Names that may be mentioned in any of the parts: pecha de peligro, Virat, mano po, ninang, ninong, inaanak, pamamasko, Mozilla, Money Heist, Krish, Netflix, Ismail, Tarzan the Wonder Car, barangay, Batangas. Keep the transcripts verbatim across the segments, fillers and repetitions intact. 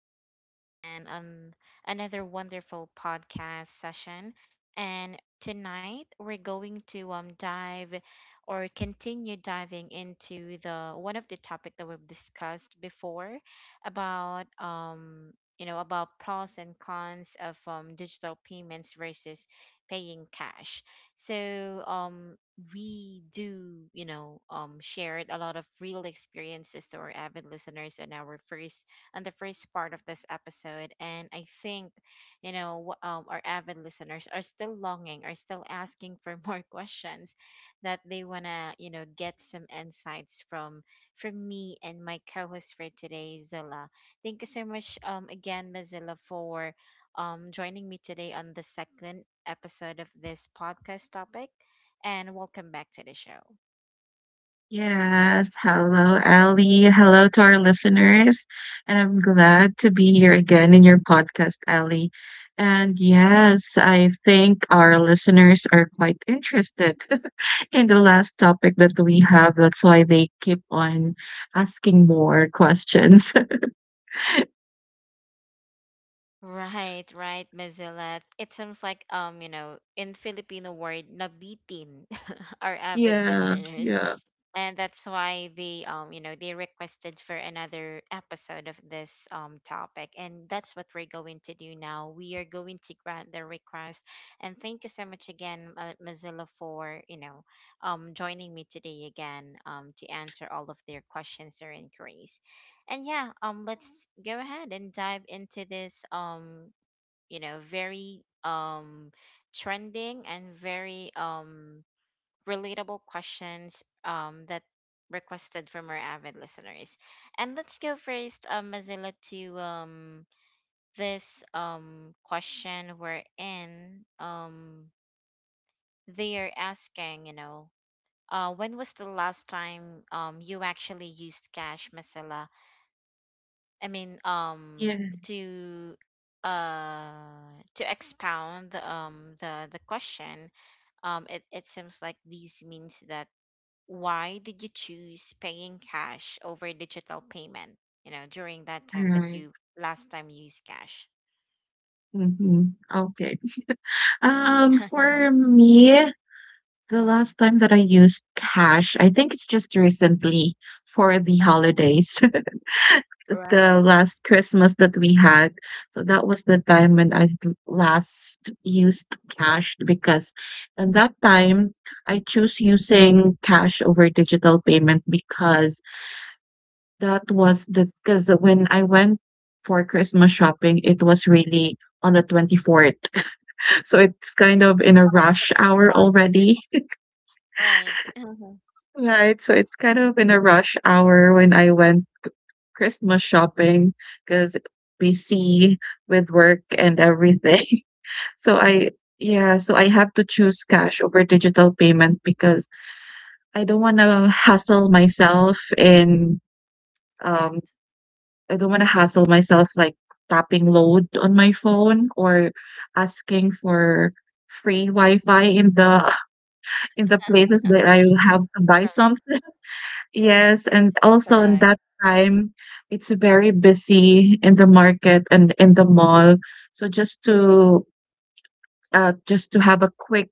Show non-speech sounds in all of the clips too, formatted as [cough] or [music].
joining me again on another wonderful podcast session. And tonight we're going to um, dive or continue diving into the one of the topic that we've discussed before about um you know about pros and cons of um, digital payments versus paying cash. So um we do, you know, um, shared a lot of real experiences to our avid listeners in our first and the first part of this episode. And I think, you know, wh- um, our avid listeners are still longing, are still asking for [laughs] more questions that they wanna, you know, get some insights from from me and my co-host for today, Zilla. Thank you so much, um, again, Mazilla, for um joining me today on the second episode of this podcast topic and welcome back to the show. Yes. Hello, Ellie. Hello to our listeners. And I'm glad to be here again in your podcast, Ellie. And yes, I think our listeners are quite interested [laughs] in the last topic that we have. That's why they keep on asking more questions. Right, right, Mazilla. It seems like um, you know, in Filipino word, nabitin, [laughs] our [laughs] avid Yeah. listeners. Yeah. And that's why they um you know they requested for another episode of this um topic, and that's what we're going to do now. We are going to grant their request. And thank you so much again, uh, Mozilla, for you know um joining me today again um to answer all of their questions or inquiries. And yeah, um let's go ahead and dive into this um you know very um trending and very um relatable questions, um, that requested from our avid listeners. And let's go first, um, Mazilla, to um, this um, question we're in. Um, they are asking, you know, uh, when was the last time um, you actually used cash, Mazilla? I mean, um, Yes. to uh to expound um the the question. um it, it seems like this means that why did you choose paying cash over digital payment, you know, during that time that Right. you last time you used cash. Mm-hmm. Okay. Um, [laughs] mm-hmm. for me, the last time that I used cash, I think it's just recently for the Uh-huh. holidays, [laughs] Right. the last Christmas that we had. So that was the time when I l- last used cash because at that time I choose using cash over digital payment because that was the because when I went for Christmas shopping, it was really on the twenty-fourth. [laughs] So it's kind of in a Oh, rush Christmas hour rush. already. Right. Uh-huh. Right, so it's kind of in a rush hour when I went Christmas shopping because busy with work and everything. [laughs] So I yeah, so I have to choose cash over digital payment because I don't wanna hassle myself in um, Correct. I don't wanna hassle myself like tapping load on my phone or asking for free Wi-Fi in the [laughs] in the places [laughs] that I have to buy Right. something. Yes, and Correct. also in that time, it's very busy in the market and in the mall. So just to uh, just to have a quick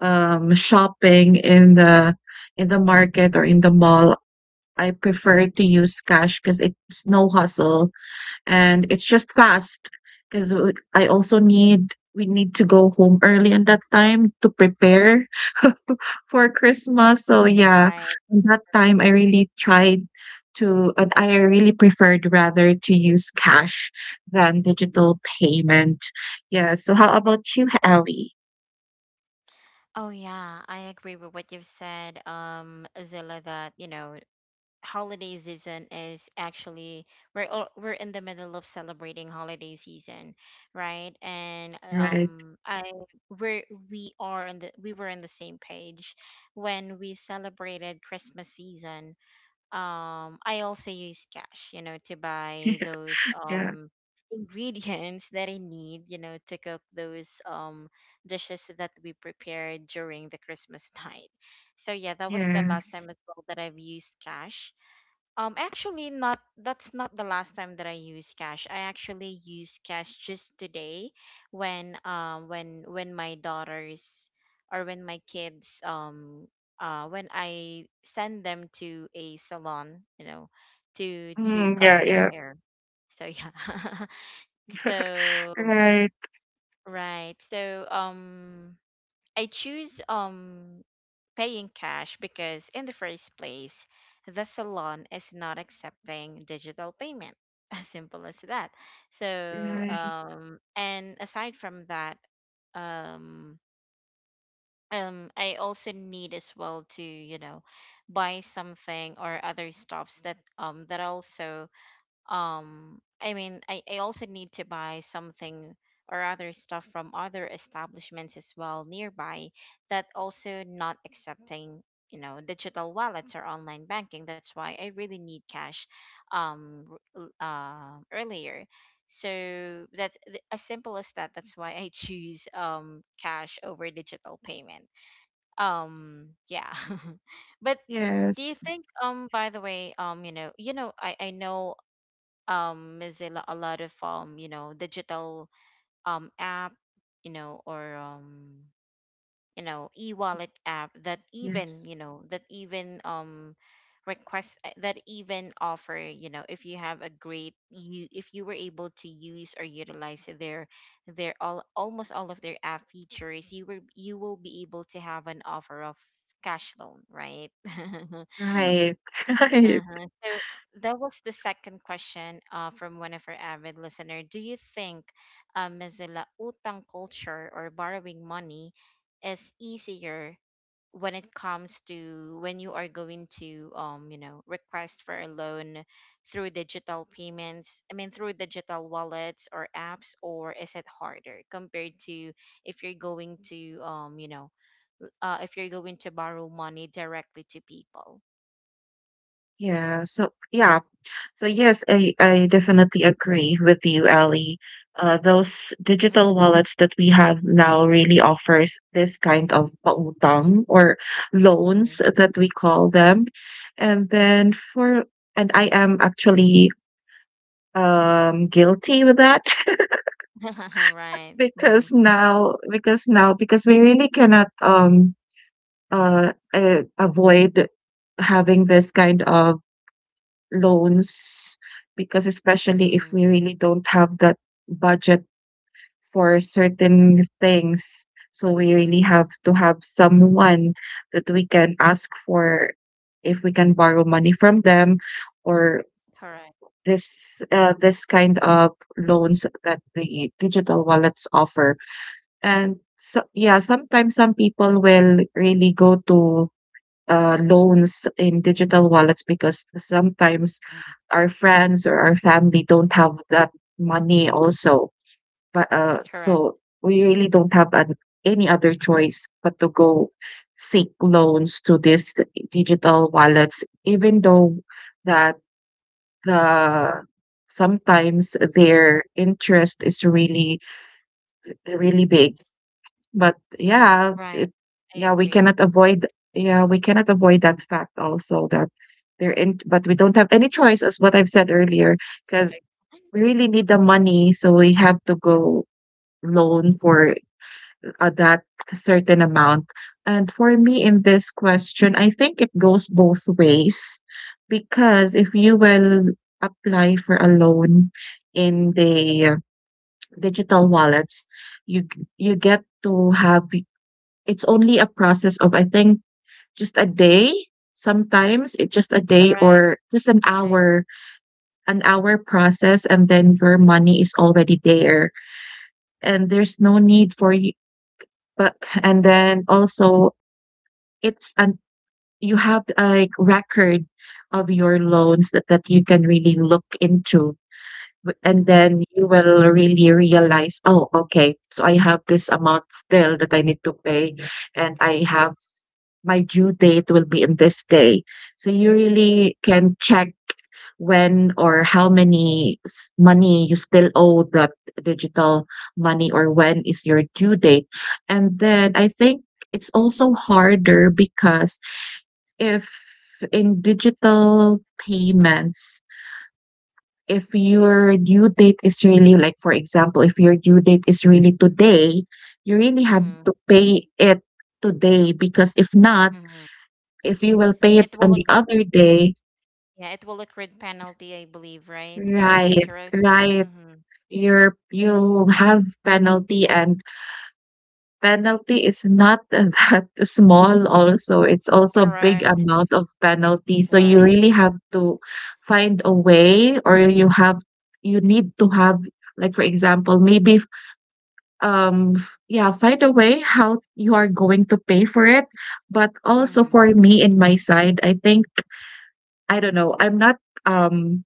um, shopping in the in the market or in the mall, I prefer to use cash because it's no hustle and it's just fast. Because I also need we need to go home early in that time to prepare [laughs] for Christmas. So yeah, Right. at that time I really tried to and I really preferred rather to use cash than digital payment. Yeah, so how about you, Ellie? Oh yeah, I agree with what you've said, um Zilla, that you know holiday season is actually we're all, we're in the middle of celebrating holiday season, right? And Right. um, I we we are in the we were in the same page when we celebrated Christmas season. Um, I also use cash, you know, to [laughs] buy Yeah. those Yeah. um ingredients that I need, you know, to cook those um dishes that we prepared during the Christmas [laughs] night. So yeah, that was the last Yes. time as well that I've used cash, um, actually. Not that's not the last time that I use cash. I actually use cash just today when um when when my daughters or when my kids um uh when I send them to a salon, you know, to to Mm, cut yeah. their Yeah. hair. So yeah. [laughs] So Right. right. So um I choose um paying cash because, in the first place, the salon is not accepting digital payment. [laughs] As simple as that. So, Right. um, and aside from that, um, um, I also need as well to, you know, buy something or other stuffs that um that also um i mean I, I also need to buy something or other stuff from other establishments as well nearby that also not accepting you know digital wallets or online banking. That's why I really need cash, um r- uh, earlier. So that's th- as simple as that. That's why I [laughs] choose um cash over digital payment. um yeah. [laughs] But do you Yes. think, um by the way, um you know, you know i i know, um Mozilla, a lot of um you know digital um app, you know, or um you know e-wallet app that even Yes. you know that even um request uh, that even offer, you know, if you have a great you if you were able to use or utilize their their all almost all of their app features, you will you will be able to have an offer of cash loan, right? [laughs] Right. [laughs] Right. Uh-huh. So that was the second question, uh, from one of our avid listener. Do you think, uh, Mozilla, utang culture or borrowing money is easier when it comes to when you are going to um you know request for a loan through digital payments, I mean through digital wallets or apps, or is it harder compared to if you're going to um you know l- uh, if you're going to borrow money directly to people. Yeah. So yeah, so yes, I, I definitely agree with you, Ali. Uh, those digital wallets that we have now really offers this kind of pautang or Mm-hmm. loans that we call them. And then for, and I am actually um guilty with that. [laughs] [laughs] Right. Mhm. Because now, because now, because we really cannot um uh, uh avoid having this kind of loans because especially if Mm. we really don't have that budget for certain things. So we really Mm. have to have someone that we can ask for if we can borrow money from them or Correct. this uh, this kind of loans that the digital wallets offer. And so, yeah, sometimes some people will really go to uh, loans in digital wallets because sometimes Mm. our friends or our family don't have that money also. But uh, Correct. so we really don't have an, any other choice but to go seek loans to these digital wallets, even though that the sometimes their interest is really really big but Mm. yeah, Right. it I yeah, we agree. cannot avoid yeah, we cannot avoid that fact also that they're in but we don't have any choice as what I've said earlier, Right. because we really need the money, so we have to go loan for uh, that certain amount. And for me in this question, I think it goes both ways because if you will apply for a loan in the uh, digital wallets, you g- you get to have it's only a process of, I think, just a day. Sometimes it's just a day Correct. or just an Right. hour, an hour process, and then your money is already there. And there's no need for you, but, and then also it's an, you have like record of your loans that, that you can really look into W and Mm-hmm. then you will really realize, "Oh, okay, so I have this amount still that I need to pay, and I have my due date will be in this day." So you really can check when or how many s money you still owe that digital money or when is your due date. And then I think it's also harder because if in digital payments if your due date is really like, for example, if your due date is really today, you really have Mm-hmm. to pay it today because if not, Mm-hmm. if you will pay it It will on look, the other day, yeah, it will accrue penalty, I believe, right? Or right, interest. right, Mm-hmm. you're you'll have penalty and penalty is not [laughs] that small also. It's also a big Correct. amount of penalty. So you Right. really have to find a way or you have you need to have like for example, maybe um f- yeah find a way how you are going to pay for it but also Mm-hmm. for me in my side i think I don't know i'm not um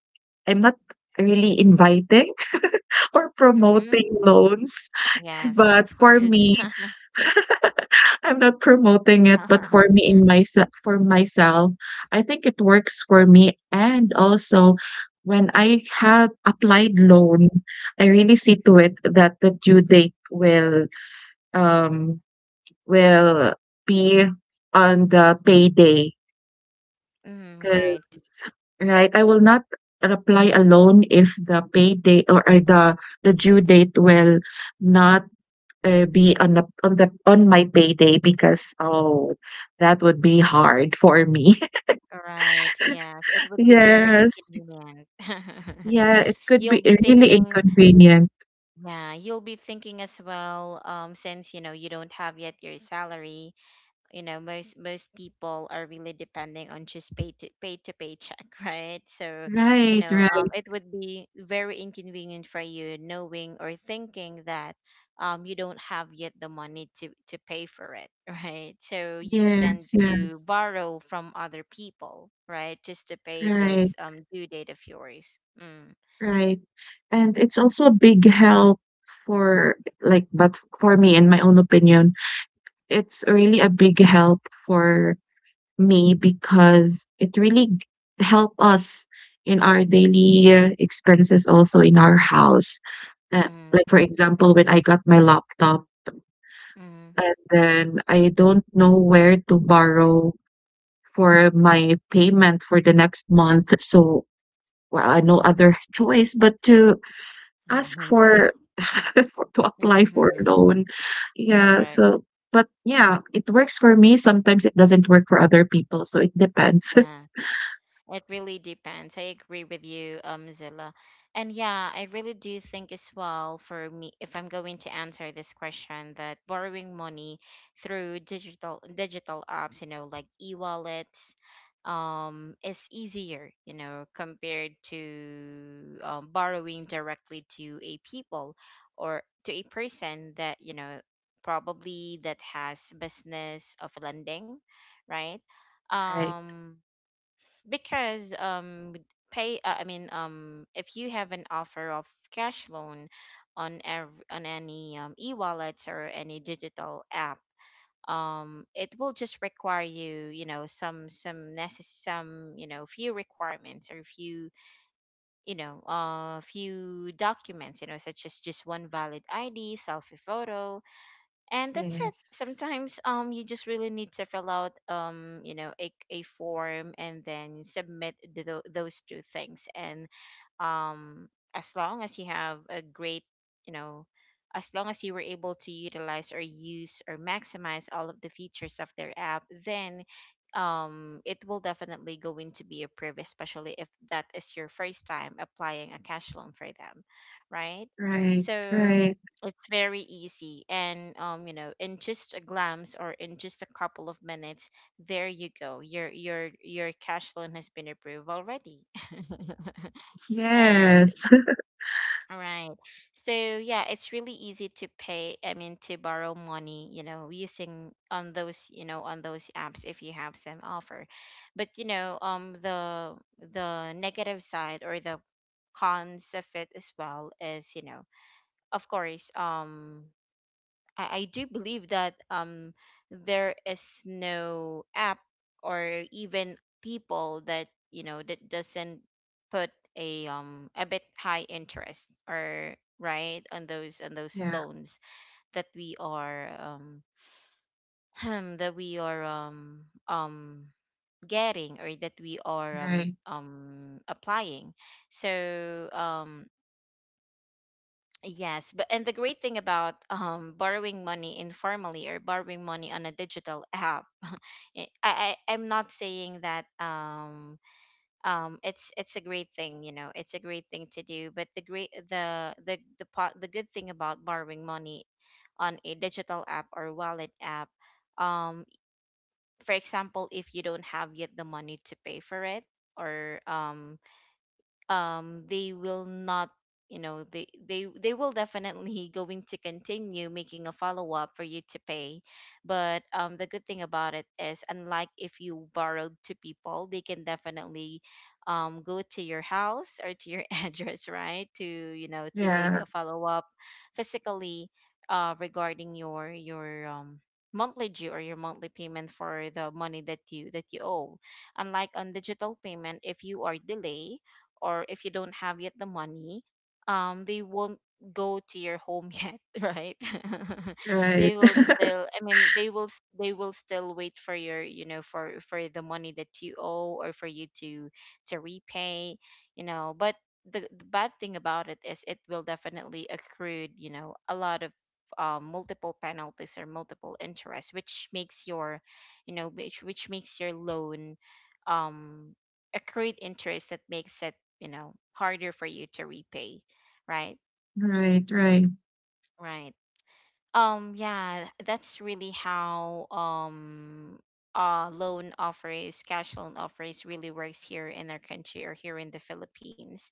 i'm not really inviting [laughs] or Mm-hmm. promoting loans Yes, but of for course. me I'm not promoting it but for me [laughs] in my for myself I think it works for me and also when I had applied loan I really see to it that the due date will um will be on the payday Mm, because right. right, I will not apply a loan if the payday or or the the due date will not, uh, be on the on the on my payday because, oh, that would be hard for me. [laughs] Right. Yes, it would be very Yes. inconvenient. [laughs] Yeah, it could You'll be be really thinking, inconvenient. yeah, you'll be thinking as well, um, since you know you don't have yet your salary, you know, most most people are really depending on just pay to pay to paycheck, [laughs] right? So, you Right, know, um, right. it would be very inconvenient for you knowing or thinking that um you don't have yet the money to to pay for it, [laughs] right? So you'll tend Yes, to yes. borrow from other people, right, just to pay this Right. um due date of yours. Mm. Right. And it's also a big help for like but for me in my own opinion, it's really a big help for me because it really g- help us in our daily uh, expenses also in our house. Uh, Mm. like for example, when I got my laptop and then I don't know where to borrow for my payment for the next month, so well, I no other [laughs] choice but to ask Mm. [laughs] for [laughs] for to apply for a Mm-hmm. loan. Yeah, Correct. so but yeah, it works for me, sometimes it doesn't work for other people, so it depends. [laughs] Uh, It really depends. I agree with you, um, Zilla. And yeah, I really do think as well for me, if I'm going to answer this question, that borrowing money through digital digital apps, you know, like e-wallets, um, is easier, you know, compared to um, borrowing directly to a people or to a person that, you know, probably that has business of lending, right? Right. Um, because um pay uh, I mean um if you have an offer of cash loan on every on any, um, e-wallet or any digital app, um it will just require you, you know, some some necess- some you know few requirements or few you know uh few documents, you know, such as just one valid ID, selfie photo, and that's it. Yes. Sometimes um you just really need to fill out um you know a, a form and then submit th- tho- those two things and um as long as you have a great you know as long as you were able to utilize or use or maximize all of the features of their app, then um it will definitely go into be approved, especially if that is your first time applying a cash loan for them, right? Right, So right. it's very easy, and um you know in just a glance or in just a couple of minutes, there you go, your your your cash loan has been approved already. [laughs] And Yes. [laughs] all right. So yeah, it's really easy to pay, I mean to borrow money, you know, using on those, you know, on those apps if you have some offer. But you know, um the the negative side or the cons of it as well is, you know, of course, um I, I do believe that um there is no app or even people that you know that doesn't put a um a bit high interest or right on those on those Yeah, loans that we are um [clears throat] that we are um um getting, or that we are um right. um applying. So um yes, but and the great thing about um borrowing money informally or borrowing money on a digital app, [laughs] I, I I'm not saying that um um it's it's a great thing, you know, it's a great thing to do. But the great the the the pot the good thing about borrowing money on a digital app or wallet app, um, for example, if you don't have yet the money to pay for it or um um they will not you know they they they will definitely [laughs] going to continue making a follow up for you to pay. But um the good thing about it is, unlike if you borrowed to people, they can definitely um go to your house or to your [laughs] address, right, to you know to make Yeah, a follow up physically, uh regarding your your um monthly due or your monthly payment for the money that you that you owe. Unlike on digital payment, if you are delayed or if you don't have yet the money, um, they won't go to your home yet, [laughs] right? [laughs] right. They will [laughs] still, I mean, they will s- they will still wait for your, you know, for for the money that you owe or for you to to repay, you know. But the, the bad thing about it is it will definitely accrue, you know, a lot of um, multiple penalties or multiple interest, which makes your, you know, which which makes your loan um accrued interest that makes it, you know, harder for you to repay. Right. Right, right. Right. Um yeah that's really how um uh loan offers cash loan offers really works here in our country or here in the Philippines.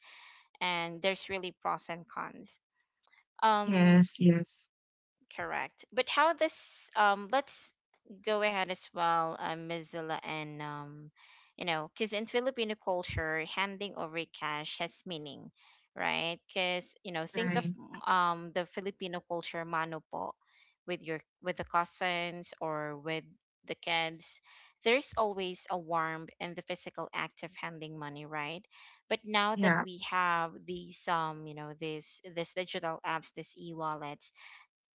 And there's really pros and cons. um Yes, yes. Correct. But how this um let's go ahead as well, uh, Miss Zilla, and um you know, because in Filipino culture, handing over cash has meaning, right? Because, you know, think of Right. um the Filipino culture mano po with your with the cousins or with the kids. There's always a warmth in the physical act of handing money, right? But now that Yeah. we have these um you know, these this digital apps, this e-wallet,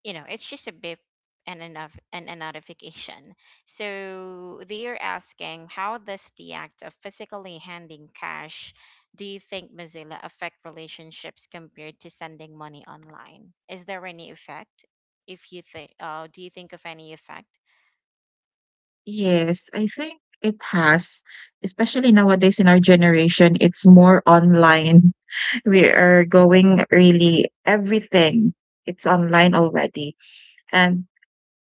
you know, it's just a bip and enough and a notification. So they're asking, how does the act of physically handing cash, do you think, Mozilla, affect relationships compared to sending money online? Is there any effect? If you think, uh, do you think of any effect? Yes, I think it has, especially nowadays in our generation, it's more online. We are going really everything it's online already and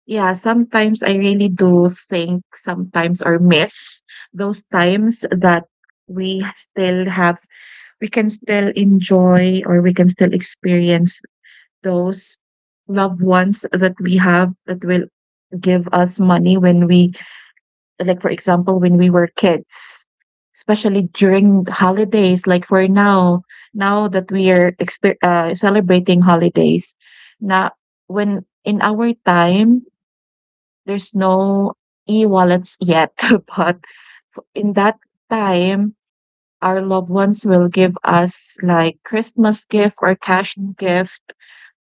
yeah sometimes I really do think sometimes or miss those times that we still have we can still enjoy or we can still experience those loved ones that we have that will give us money when we, like for example, when we were kids, especially during holidays like for now, now that we are exper- uh, celebrating holidays now, when in our time there's no e-wallets yet. [laughs] But f- in that time our loved ones will give us like Christmas gift or cash gift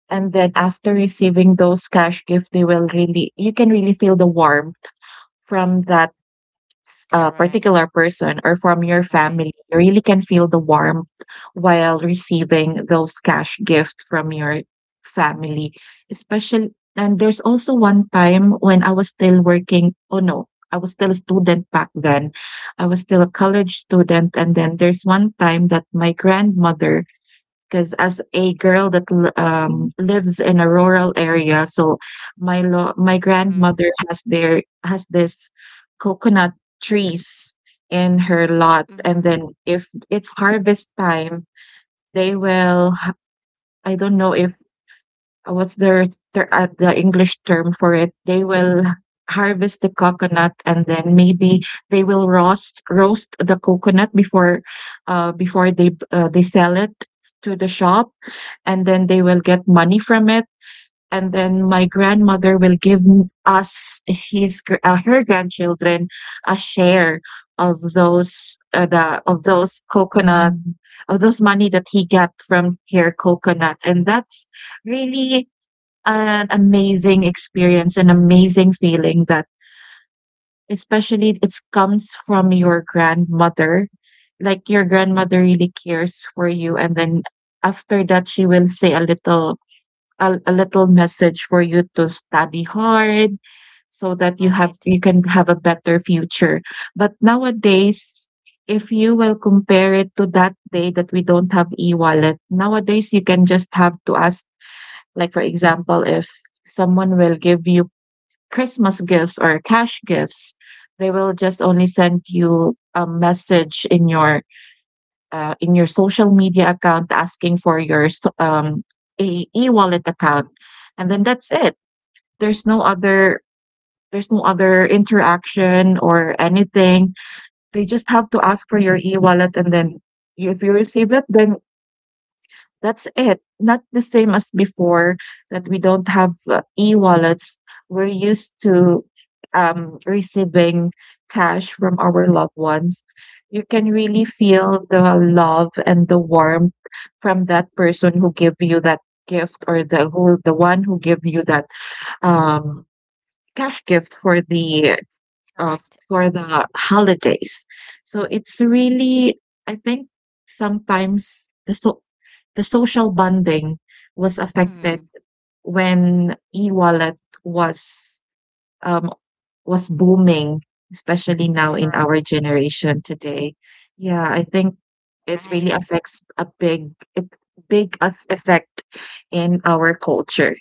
and then after receiving those cash gift they will really you can really feel the warmth from that a Correct. particular person or from your Right. family, you really can feel the warmth while receiving those cash gifts from your family. Especially, and there's also one time when I was still working. Oh no, I was still a student back then. I was still a college student, and then there's one time that my grandmother, because as a girl that l- um, lives in a rural area, so my lo- my Mm-hmm. grandmother has their has this coconut trees in her lot, Mm-hmm. and then if it's harvest time, they will. h- I don't know if uh, what's their ter- uh, the English term for it? They will harvest the coconut and then maybe they will roast roast the coconut before uh, before they uh, they sell it to the shop and then they will get money from it and then my grandmother will give m- us his gr- uh, her grandchildren a share of those uh, the of those coconut of those money that he got from her coconut and that's really an amazing experience, an amazing feeling that especially it comes from your grandmother. Like your grandmother really cares for you and then after that she will say a little a, a little message for you to study hard so that you have Right. you can have a better future. But nowadays if you will compare it to that day that we don't have e-wallet, nowadays you can just have to ask, like, for example, if someone will give you Christmas gifts or cash gifts, they will just only send you a message in your uh, in your social media account asking for your s- um, A E wallet account, and then that's it. There's no other there's no other interaction or anything. They just have to ask for your e-wallet, and then if you receive it, then that's it. Not the same as before that we don't have uh, e-wallets. We're used to um, receiving cash from our loved ones. You can really feel the love and the warmth from that person who gave you that gift or the who the one who gave you that um, cash gift for the uh, Correct. for the holidays. So it's really, I think sometimes the so the social bonding was affected Mm-hmm. when e-wallet was um, was booming, especially now in Correct. our generation today. Yeah, I think it really Right. affects a big it big as effect in our culture.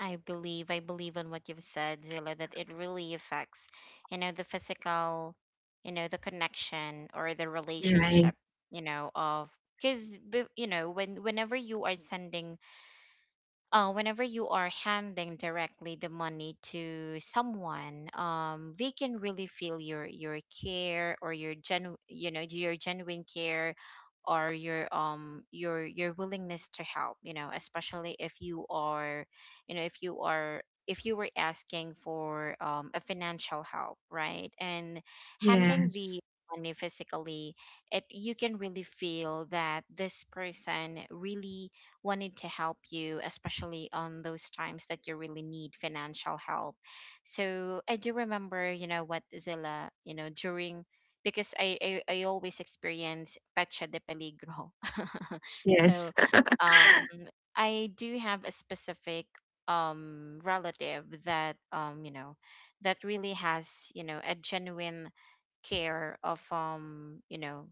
I believe, I believe on what you've said, Zilla, that it really affects, you know, the physical, you know, the connection or the Right. relationship, you know, of, because you know, when whenever you are sending, uh, whenever you are handing directly the money to someone, um, they can really feel your your care or your genu- you know your genuine care or your um your your willingness to help, you know, especially if you are, you know, if you are if you were asking for um, a financial help, right? And handing the Yes. money physically, it, you can really feel that this person really wanted to help you, especially on those times that you really need financial help. So I do remember, you know, what, Zilla, you know, during, because I I, I always experience pecha de peligro. [laughs] So Yes. um I do have a specific um relative that, um, you know, that really has, you know, a genuine care of, um you know,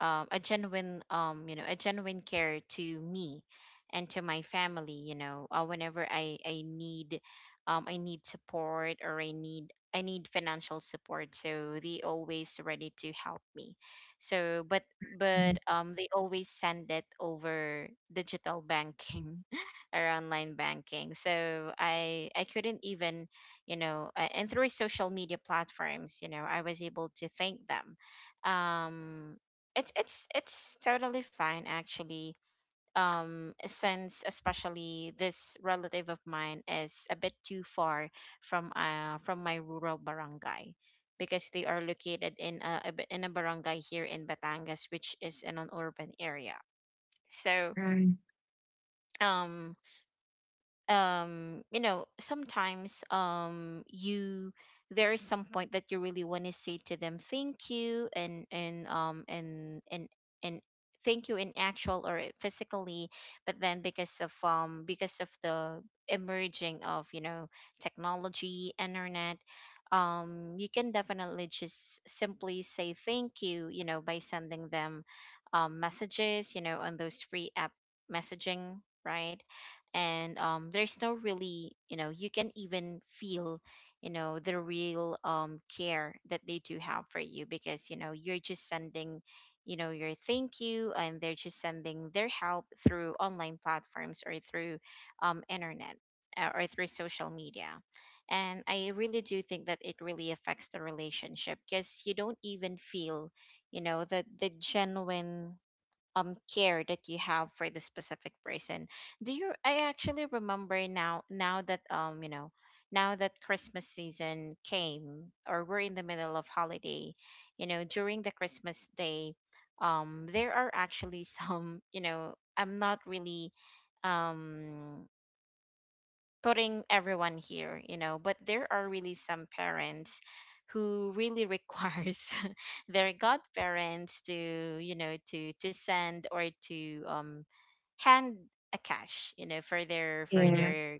um, a genuine um you know, a genuine care to me and to my family, you know, uh, whenever i i need, um I need support, or I need, I need financial support, so they always ready to help me. So but but um they always send it over digital banking or online banking. So I I couldn't even, you know, uh, and through social media platforms, you know, I was able to thank them. Um, it's it's it's totally fine, actually. Um, since especially this relative of mine is a bit too far from uh from my rural barangay, because they are located in a a b- in a barangay here in Batangas, which is in an urban area. So Right. um um you know, sometimes, um you, there is some point that you really want to say to them thank you, and and um and and and thank you in actual or physically, but then because of, um because of the emerging of, you know, technology, internet, um you can definitely just simply say thank you, you know, by sending them um messages, you know, on those free app messaging, right? And um, there's no really, you know, you can even feel, you know, the real, um, care that they do have for you, because, you know, you're just sending, you know, your thank you, and they're just sending their help through online platforms or through, um, internet, uh, or through social media. And I really do think that it really affects the relationship, because you don't even feel, you know, the the genuine um care that you have for the specific person. Do you, I actually remember now, now that, um you know, now that Christmas season came, or we're in the middle of holiday, you know, during the Christmas day, um there are actually [laughs] some, you know, I'm not really um putting everyone here, you know, but there are really some parents who really requires [laughs] their godparents to, you know, to to send, or to um hand a cash, you know, for their for Yes. their,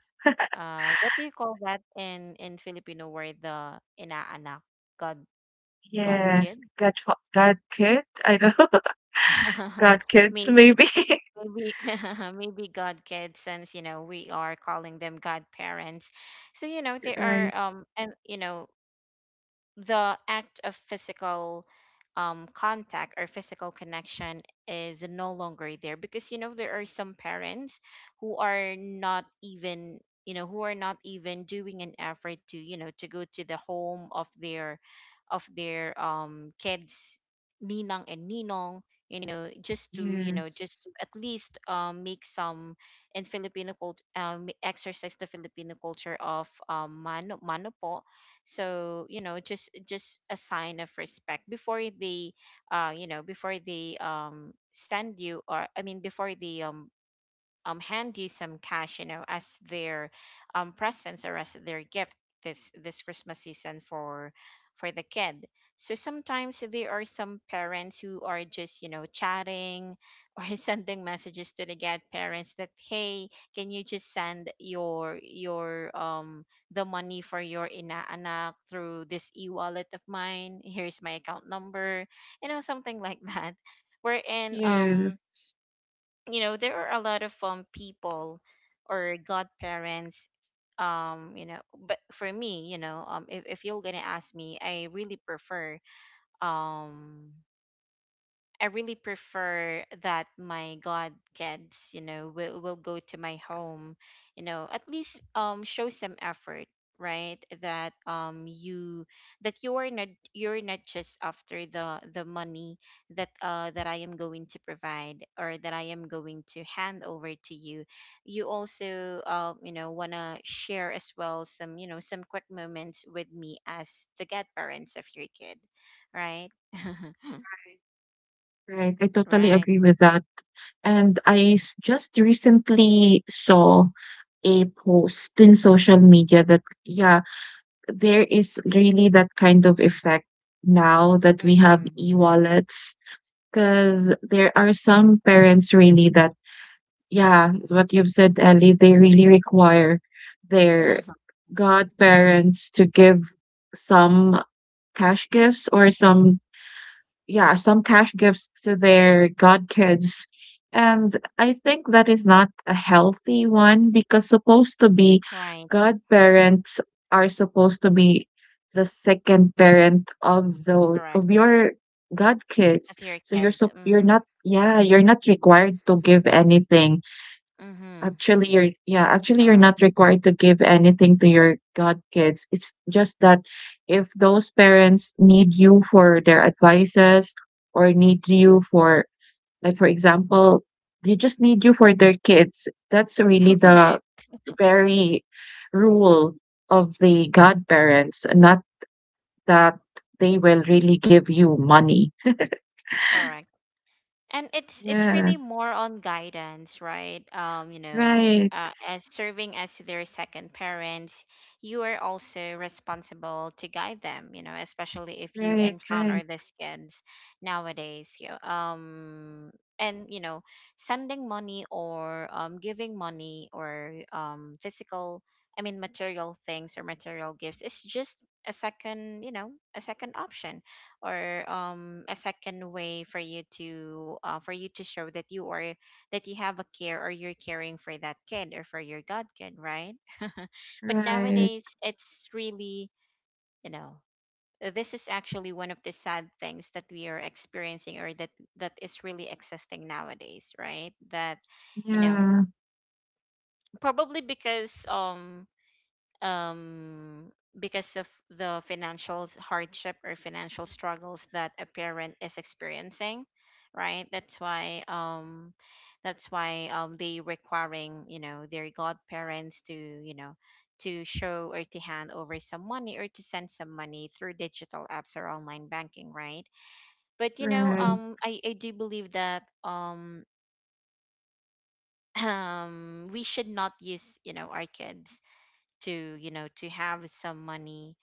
uh what do you call that in in Filipino word, the inaanak, god, god Yes, kid. Godfa God Kid? I don't know. [laughs] God [laughs] Kids Maybe. maybe, Maybe [laughs] maybe god kid, since, you know, we are calling them godparents. So, you know, [laughs] they right. are, um and, you know, the act of physical, um, contact or physical connection is no longer there, because, you know, there are some parents who are not even, you know, who are not even doing an effort to, you know, to go to the home of their of their um kids, ninang and ninong, you know, just to, you know, just Yes. to at least, um make some, in Filipino culture, um exercise the Filipino culture of, um mano mano po. So, you know, just just a sign of respect before they, uh you know, before they, um send you, or I mean, before they, um um, handy some cash, you know, as their, um, presents or as their gift this this Christmas season for for the kid. So sometimes there are some parents who are just, you know, chatting or [laughs] sending messages to the godparents that, hey, can you just send your your um the money for your inaanak through this e-wallet of mine? Here's my account number, you know, something like that. [laughs] Wherein, um Yes. you know, there are a lot of, um people or godparents, um you know, but for me, you know, um, if, if you're gonna ask me, I really prefer, um I really prefer that my god kids, you know, will will go to my home, you know, at least, um show some effort, right? That, um, you, that you're not, you're not just after the the money that, uh that I am going to provide, or that I am going to hand over to you. You also, uh, you know, wanna share as well some, you know, some quick moments with me as the godparents of your kid, right? [laughs] Right, I totally Right. agree with that. And I s just recently saw a post in social media that yeah, there is really that kind of effect now that we have Mm. e-wallets, wallets because there are some parents really that yeah, what you've said, Ellie, they really require their [laughs] godparents to give some cash gifts or some yeah some cash gifts to their godkids. And I think that is not a healthy one because supposed to be Right. godparents are supposed to be the second parent of the Correct. of your A godkids. pure so you're kid. so you're Mm-hmm. not yeah you're not required to give anything. Mm-hmm. Actually, you're yeah, actually you're not Correct. required to give anything to your godkids. It's just that if those parents need you for their advices or need you for like for example, they just need you for their kids. That's really [laughs] the Right. very rule of the godparents, not that they will really give you money. Correct. And it's it's really Yes. more on guidance, right? Um, you know, Right. uh, as serving as their second parents, you are also responsible to guide them, you know, especially if you Right. Right. encounter these kids nowadays. You, um and, you know, sending money, or, um giving money, or, um physical, I mean, material things or material gifts is just a second, you know, a second option, or, um a second way for you to, uh, for you to show that you are, that you have a care, or you're caring for that kid or for your godkid, right? [laughs] But Right. nowadays, it's really, you know, uh, this is actually one of the sad things that we are experiencing, or that that is really existing nowadays, right? That, you know, Yeah. probably because, um um, because of the financial s- hardship or financial struggles that a parent is experiencing, right? That's why, um, that's why, um, they requiring, you know, their godparents to, you know, to show or to hand over some money, or to send some money through digital apps or online banking, right? But you know, Right. um, I I do believe that, um. [clears throat] Um, we should not use, you know, our kids to, you know, to have some money,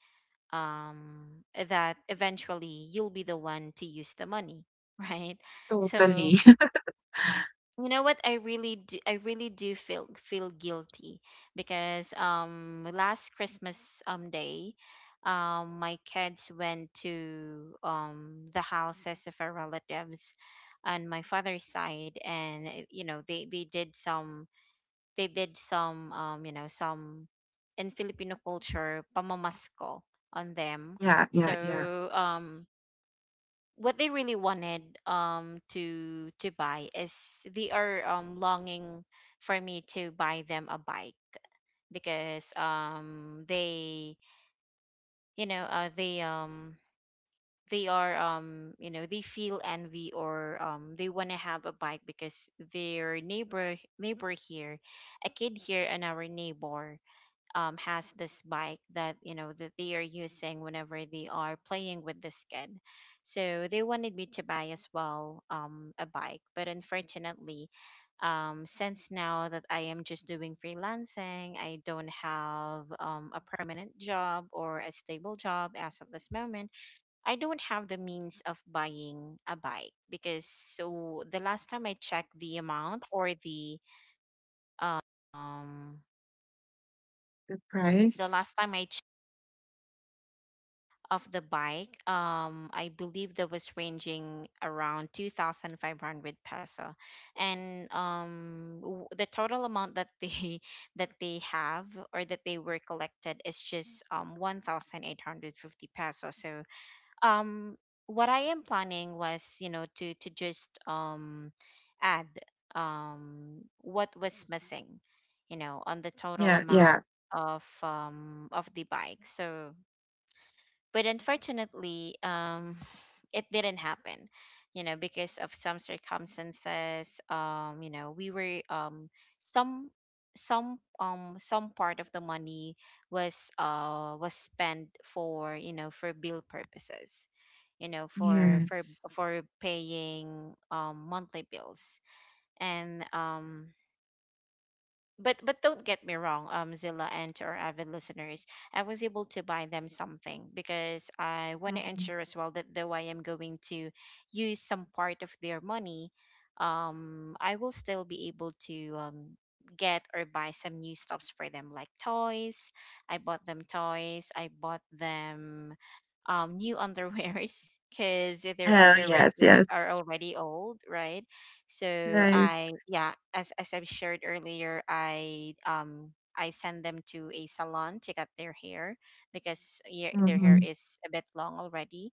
um, eh, that eventually you'll be the one to use the money, [laughs] right? So, Totally. you know what, I really do I really do feel feel guilty, because, um last Christmas, um day, um my kids went to, um the houses of our relatives on my father's side, and, uh, you know, they they did some, they did some, um you know, some, in Filipino culture, pamamasko, on them. Yeah, yeah, yeah. So, um what they really wanted, um to to buy is, they are, um longing for me to buy them a bike, because, um they, you know, uh, they, um they are, um you know, they feel envy, or, um they want to have a bike, because their neighbor, neighbor here a kid here and our neighbor, um, has this bike that, you know, that they are using whenever they are playing with this kid. So they wanted me to buy as well, um, a bike, but unfortunately, um, since now that I am just doing freelancing, I don't have, um, a permanent job or a stable job as of this moment. I don't have the means of buying a bike, because, so the last time I checked the amount, or the, um the Price. last time I of the bike, um, I believe that was ranging around two thousand five hundred peso. And, um, w- the total amount that they [laughs] that they have, or that they were collected is just, um, one thousand eight hundred fifty peso. So, um, what I am planning was, you know, to, to just, um, add, um, what was missing, you know, on the total Yeah, yeah. amount of, um, of the bike. So but unfortunately um [sighs] it didn't happen, you know, because of some circumstances, um you know, we were um some some um some part of the money was uh was spent for, you know, for bill purposes, you know, for for Yes. for paying um monthly bills. And um but but don't get me wrong, um, Zilla, and to our avid listeners, I was able to buy them something because I want to Mhm. ensure as well that, though I am going to use some part of their money, um, I will still be able to um get or buy some new stuffs for them like toys. I bought them toys. I bought them um new underwears [laughs] because their Oh, underwears yes, were yes. are already old, right? So Right. I, yeah, as as I've shared earlier, I um I send them to a salon to cut their hair because, yeah, their hair Mhm. is a bit long already.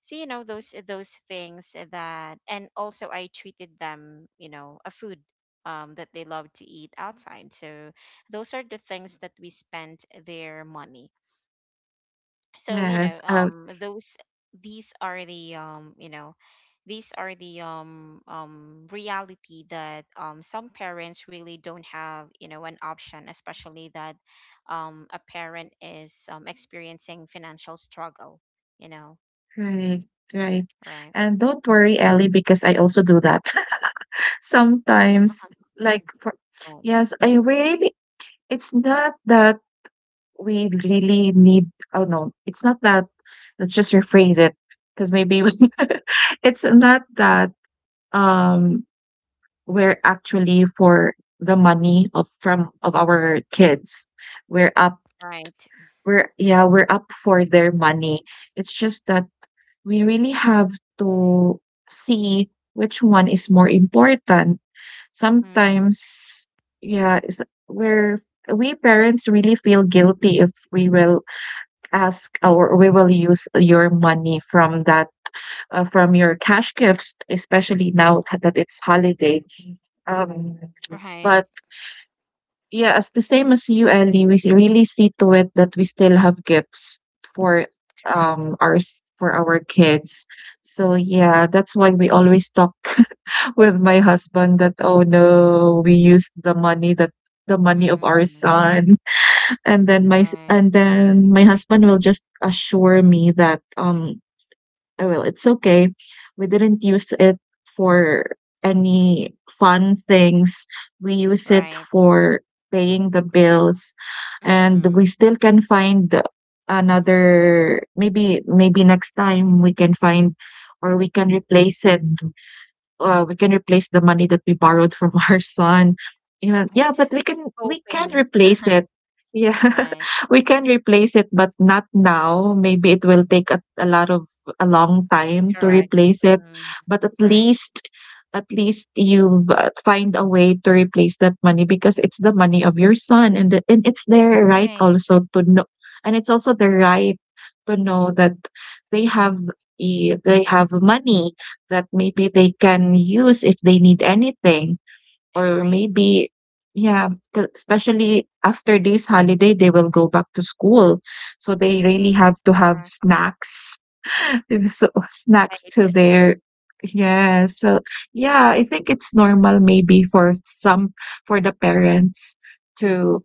So you know those those things that, and also I treated them, you know, a food um that they love to eat outside. So those are the things that we spent their money. So you know Yes. Oh, um those, these are the um, you know, these are the um um reality that um some parents really don't have, you know, an option, especially that um a parent is um experiencing financial struggle, you know. great, great. Right. And don't worry, Ellie, because I also do that [laughs] sometimes. Like for Right. yes, I really. It's not that we really need. Oh no, it's not that. Let's just rephrase it, because maybe we- [laughs] it's not that. Um, we're actually for the money of from of our kids. We're up Right. we're yeah, we're up for their money. It's just that we really have to see which one is more important. Mm. Sometimes yeah, it's, we're we parents really feel guilty if we will ask or we will use your money from that uh, from your cash gifts, especially now that it's holiday. Um, Right. but yeah, as the same as you, Ellie, we s- really see to it that we still have gifts for Correct. um our s- for our kids. So yeah, that's why we always talk [laughs] with my husband that oh no, we used the money that the money of our Mm. son, [laughs] and then my s- Right. and then my husband will just assure me that um oh, well, it's okay. We didn't use it for any fun things. We use it Right. for paying the bills, and we Mm. still can find another. Maybe maybe next time we can find or we can replace it. Uh, we can replace the money that we borrowed from [laughs] our son. Yeah, yeah, Right. but we can we can Coping. replace it. [laughs] Yeah, Right. [laughs] we can replace it, but not now. Maybe it will take a, a lot of a long time to Correct. replace it, Mm. but at Right. least at least you've uh, find a way to replace that money, because it's the money of your son and the, and it's their right Right. also to know. And it's also their right to know that they have a, they have money that maybe they can use if they need anything. Or Agree. maybe yeah, 'cause especially after this holiday, they will go back to school, so they really Mm-hmm. have to have Correct. snacks. [laughs] So snacks Right. to [laughs] their yeah, so yeah, I think it's normal maybe for some for the parents to,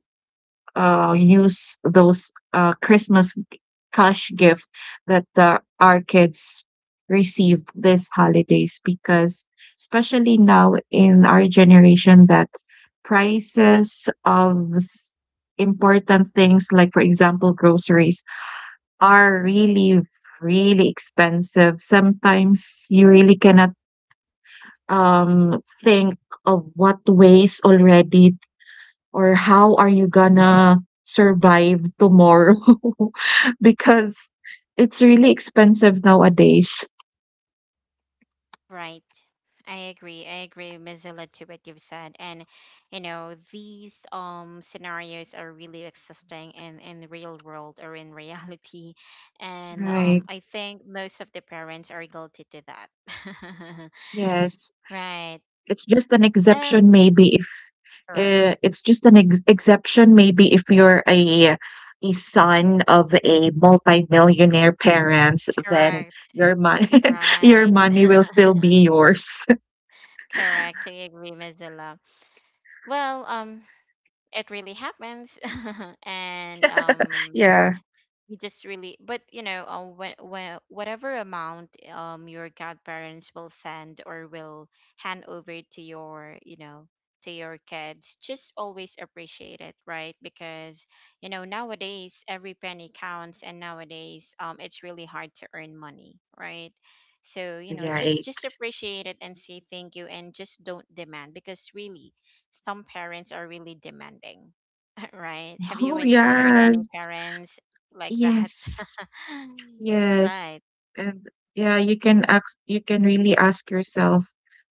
uh, use those, uh, Christmas cash gift that the, our kids received this holidays, because especially now in our generation that prices of s- important things like for example groceries are really really expensive. Sometimes you really cannot um think of what ways already or how are you gonna survive tomorrow? [laughs] Because it's really expensive nowadays. Right. I agree. I agree, Miss Zilla, to what you've said. And you know, these um scenarios are really existing in in the real world or in [laughs] reality. And Right. um I think most of the parents are guilty to that. [laughs] Yes. Right. It's just an Um. exception maybe if Correct. uh, it's just an ex exception maybe if you're a a son of a multi millionaire parents, then Correct. your money [laughs] your Right. money will still be [laughs] yours. [laughs] Correct. I agree, Miss Zilla. Well, um it really happens [laughs] and um Yeah. we just really but, you know, uh, when, when, whatever amount um your godparents will send or will hand over to your, you know, to your kids, just always appreciate it, right? Because you know nowadays every penny counts, and nowadays um it's really hard to earn money, right? So, you know, just Right. just appreciate it and say thank you and just don't demand, because really some parents are really demanding. Right. Have you Oh, encountered any yes. parents like that? Yes. [laughs] Yes. Right. And yeah, you can ask you can really ask yourself,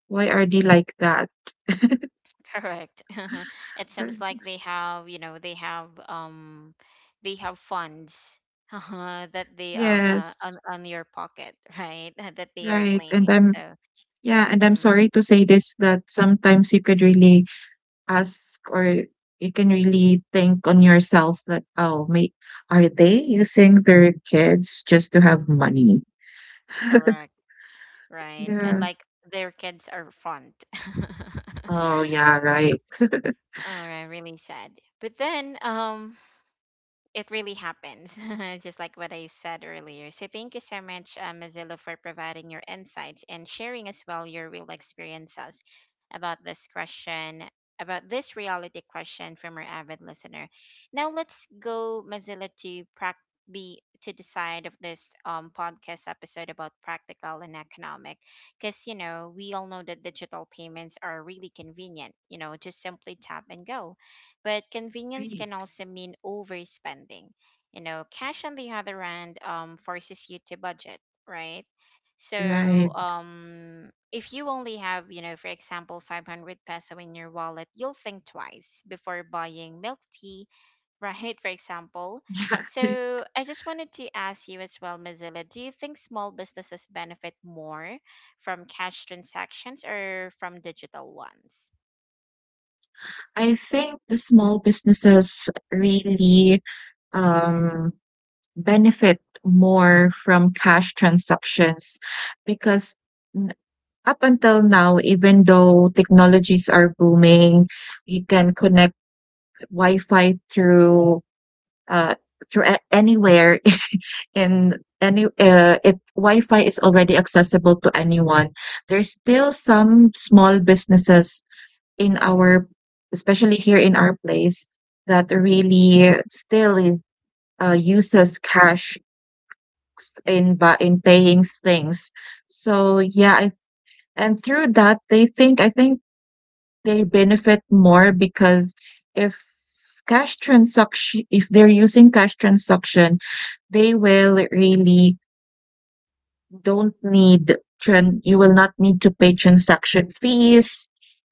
why are they like that? [laughs] Correct. [laughs] It Or- seems like they have, you know, they have um they have funds [laughs] that they uh, uh on Yes, on your pocket, right? [laughs] That they are right. And claiming. I'm So, yeah, and I'm mm, sorry to say this that sometimes you could really ask or you can really think on yourself that, oh, mate, are they using their kids just to have money? [laughs] correct. Right. I Yeah. like their kids are fond. [laughs] Oh, yeah, right. Oh, right, really sad. But then, um, it really happens, [laughs] just like what I said earlier. So, thank you so much, uh, Mozilla, for providing your insights and sharing as well your real experiences about this question, about this reality question from our avid listener. Now, let's go, Mozilla, to prac be to decide of this um, podcast episode about practical and economic, because you know we all know that digital payments are really convenient, you know, just simply tap and go, but convenience Right. can also mean overspending. You know, cash on the other hand um, forces you to budget, right? So Right. um, if you only have, you know, for example, five hundred peso in your wallet, you'll think twice before buying milk tea, right? [laughs] For example. [laughs] Yeah. So I just wanted to ask you as well, Mozilla, do you think small businesses benefit more from cash transactions or from digital ones? I think the small businesses really um, benefit more from cash transactions, because n- up until now, even though technologies are booming, you can connect Wi-Fi through uh, through a- anywhere [laughs] in any uh, it Wi-Fi is already accessible to anyone. There's still some small businesses in our, especially here in our place, that really still uh, uses cash in bu in paying things. So yeah, I, and through that they think I think they benefit more because if cash transaction if they're using cash transaction, they will really don't need tran you will not need to pay transaction fees,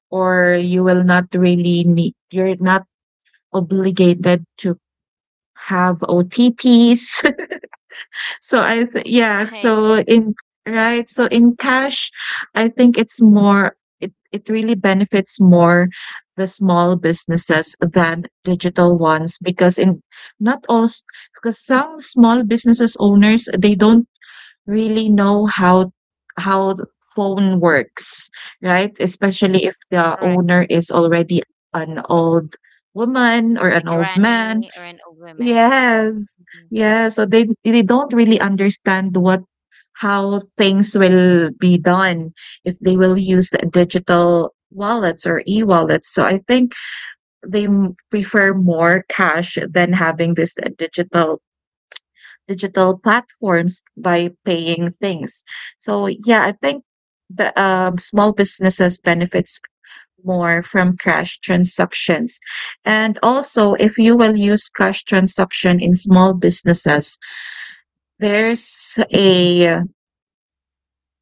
or you will not really need you're not obligated to have O T Ps. So I th Right, yeah, so in right, so in cash, I think it's more it it really benefits more the small businesses than digital ones, because in not all s- because some small businesses owners they don't really know how how the phone works, right? Especially if the correct. owner is already an old woman A or an old granny or man. an old woman, right? Yes. Mhm. Yeah, so they they don't really understand what how things will be done if they will use the digital wallets or e-wallets. So I think they m- prefer more cash than having this uh, digital digital platforms by paying things. So yeah, I think the um, small businesses benefits more from cash transactions. And also, if you will use cash transaction in small businesses, there's a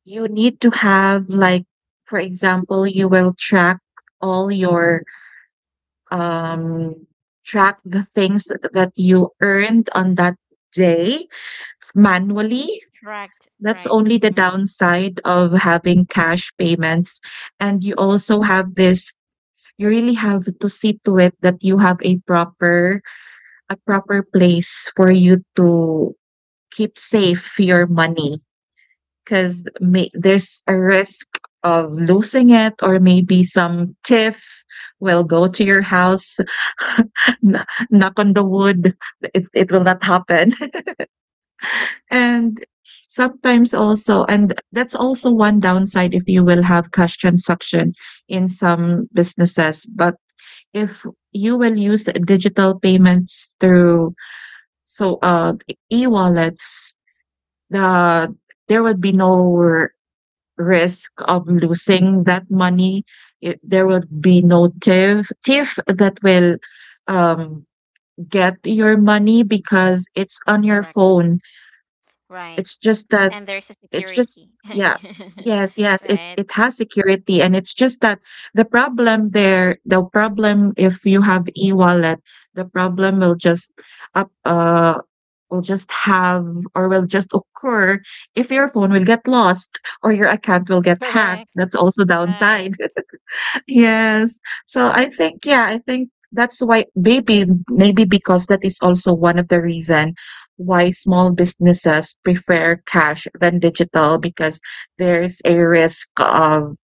you need to have like, for example, you will track all your um track the things that you earned on that day manually. Correct, That's right. only the Hmm. downside of having cash payments. And you also have this you really have to see to it that you have a proper a proper place for you to keep safe your money, because may there's a risk of losing it or maybe some thief will go to your house [laughs] kn- knock on the wood it, it will not happen. [laughs] And sometimes also and that's also one downside if you will have cash transaction in some businesses, but if you will use digital payments through so uh e-wallets, the there would be no r- risk of losing that money. It, there would be no thief thief that will um get your money because it's on your Correct, phone. right. It's just that And there's a it's just security. [laughs] yeah. Yes, yes, it Right? it has security, and it's just that the problem there, the problem if you have e-wallet, the problem will just up uh will just have or will just occur if your phone will get lost or your account will get hacked. Correct, That's also right, downside. [laughs] Yes. So I think, yeah, I think that's why maybe maybe because that is also one of the reason why small businesses prefer cash than digital, because there's a risk of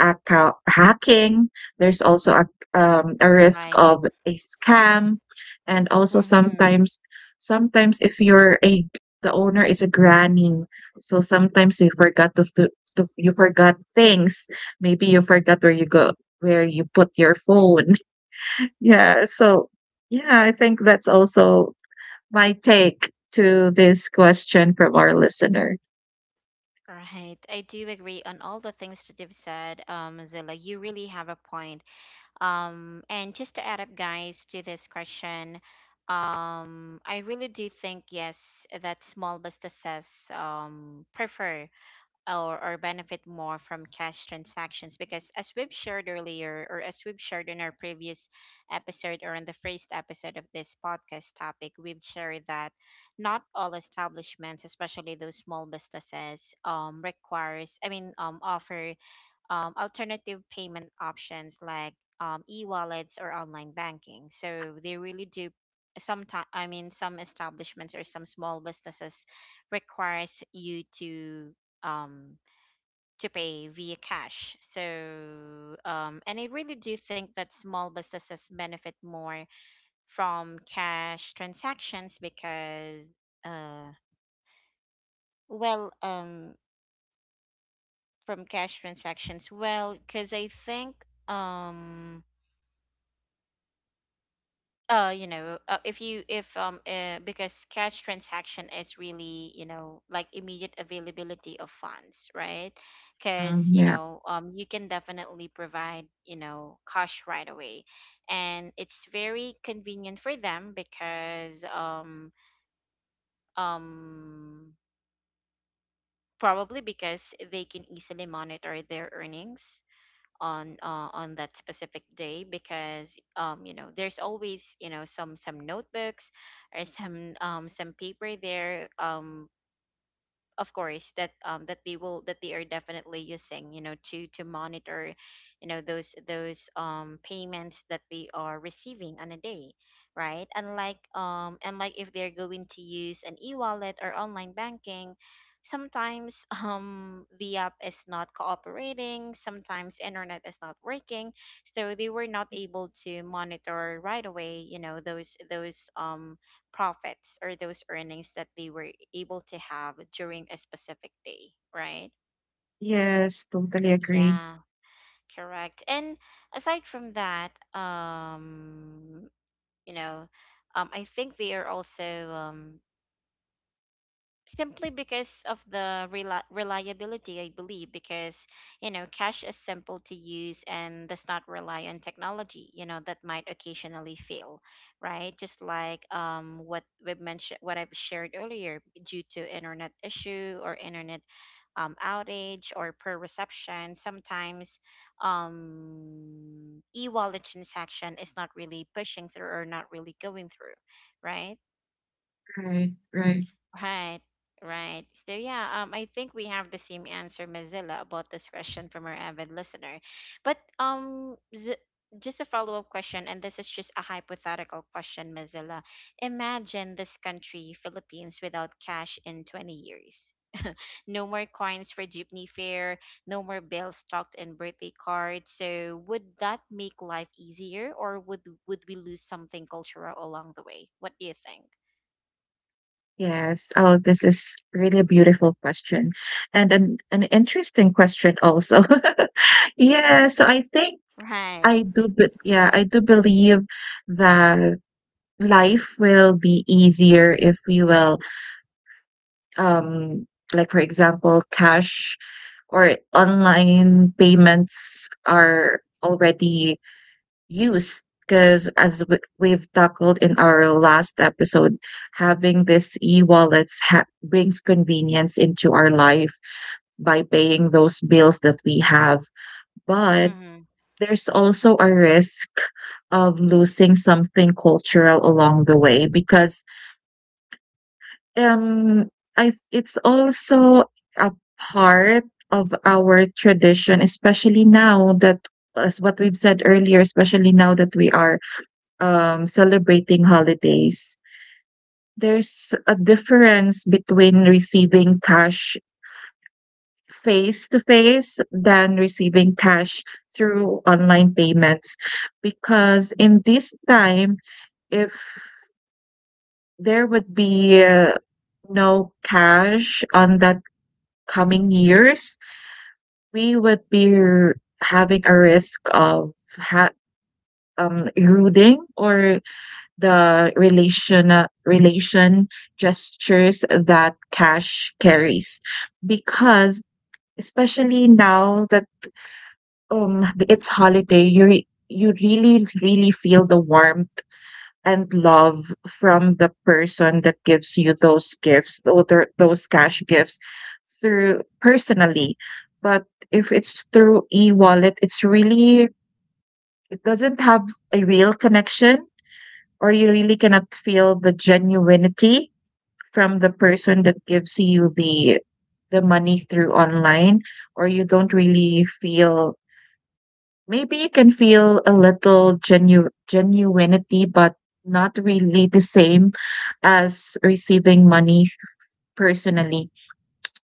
account hacking. There's also a, um, a risk right. of a scam, and also Mm-hmm. sometimes, sometimes if you're a the owner is a granny, so sometimes you forgot to, to, to you forgot things. Maybe you forgot where you go where you put your phone. [laughs] Yeah, so yeah, I think that's also my take to this question from our listener. Right. I do agree on all the things that you've said, um, Zilla. You really have a point. Um, and just to add up, guys, to this question, um, I really do think yes that small businesses um, prefer or, or benefit more from cash transactions, because as we've shared earlier or as we've shared in our previous episode or in the first episode of this podcast topic, we've shared that not all establishments, especially those small businesses, um, requires, I mean um, offer um, alternative payment options like um, e-wallets or online banking. So they really do sometimes, I mean some establishments or some small businesses requires you to um to pay via cash. So um, and I really do think that small businesses benefit more from cash transactions because uh, well um, from cash transactions, well, because I think um, uh you know, uh, if you if um uh, because cash transaction is really, you know, like immediate availability of funds, right? Um, because, you yeah. know, um you can definitely provide, you know, cash right away, and it's very convenient for them because um um probably because they can easily monitor their earnings on uh, on that specific day, because um you know there's always, you know, some some notebooks or some um some paper there um, of course that um that they will that they are definitely using, you know, to to monitor, you know, those those um payments that they are receiving on a day, right? Unlike um unlike if they're going to use an e-wallet or online banking. Sometimes [laughs] um the app is not cooperating, sometimes internet is not working, so they were not able to monitor right away, you know, those those um profits or those earnings that they were able to have during a specific day, right? Yes, totally agree. Yeah, correct. And aside from that, um, you know, um, I think they are also um, simply because of the reli reliability, I believe, because, you know, cash is simple to use and does not rely on technology, you know, that might occasionally fail, right? Just like um what we mentioned, what I've shared earlier, due to internet issue or internet um outage or poor reception, sometimes um e-wallet transaction is not really pushing through or not really going through, right? Right, right. Right, right. So yeah, um, I think we have the same answer, Mozilla, about this question from our avid listener. But um, z just a follow-up question, and this is just a hypothetical question, Mozilla. Imagine this country, Philippines, without cash in twenty years. [laughs] No more coins for jeepney fare, no more bills stocked in birthday cards. So would that make life easier, or would would we lose something cultural along the way? What do you think? Yes. Oh, this is really a beautiful question and an, an interesting question also. [laughs] Yeah. So I think Right. I do, but yeah, I do believe that life will be easier if we will, um, like for example, cash or online payments are already use, because as we- we've tackled in our last episode having this e-wallets ha- brings convenience into our life by paying those bills that we have. But Mm-hmm. there's also a risk of losing something cultural along the way, because um I it's also a part of our tradition, especially now that as what we've said earlier, especially now that we are um, celebrating holidays, there's a difference between receiving cash face to face than receiving cash through online payments. Because in this time, if there would be uh, no cash on that coming years, we would be r- having a risk of ha- um, eroding or the relational relation gestures that cash carries. Because especially now that um it's holiday, you re- you really really feel the warmth and love from the person that gives you those gifts, tho- tho- those cash gifts through personally. But if it's through e-wallet, it's really, it doesn't have a real connection, or you really cannot feel the genuinity from the person that gives you the the money through online. Or you don't really feel, maybe you can feel a little genu genuinity, but not really the same as receiving money personally.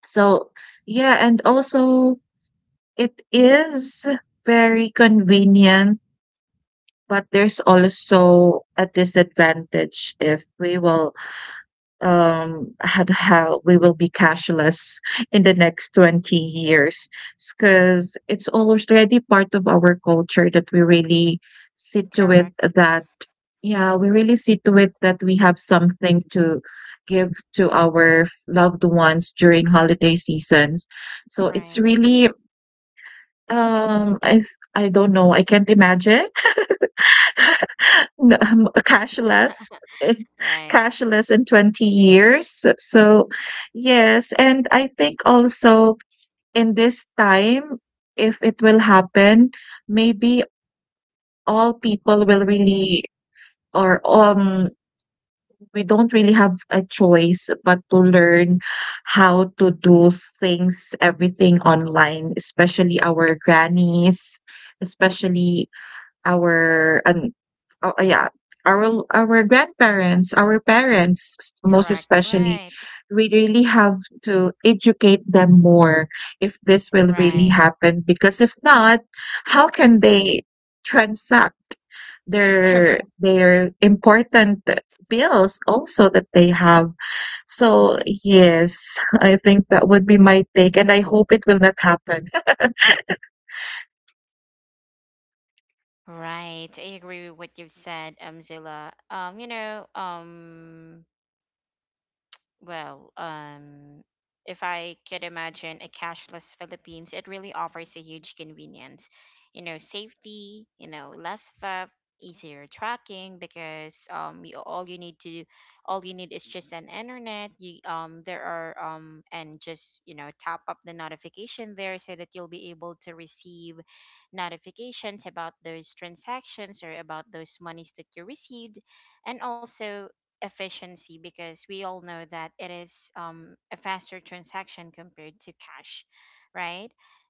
So yeah, and also it is very convenient, but there's also a disadvantage if we will um had how we will be cashless in the next twenty years, because it's already part of our culture that we really see to it Correct. that, yeah, we really see to it that we have something to give to our f- loved ones during holiday seasons. So it's Right. really, um i i don't know, I can't imagine. [laughs] [laughs] No, um, [laughs] cashless [laughs] Right. cashless in twenty years. So, yes, and I think also in this time, if it will happen, maybe all people will really, or um we don't really have a choice but to learn how to do things, everything online, especially our grannies, especially our an oh, yeah, our our grandparents, our parents, s- most Correct. especially, Right. we really have to educate them more if this will really Right. happen. Because if not, how can they transact [laughs] their Correct. their important bills also that they have? So yes, I think that would be my take, and I hope it will not happen. Right. I agree with what you've said, um, Zilla. Um, you know, um, well, um, if I could imagine a cashless Philippines, it really offers a huge convenience. You know, safety, you know, less theft, easier tracking, because um you, all you need to all you need is just an internet. You um there are um, and just, you know, tap up the notification there so that you'll be able to receive notifications about those transactions or about those monies that you received, and also efficiency, because we all know that it is um, a faster transaction compared to cash, right?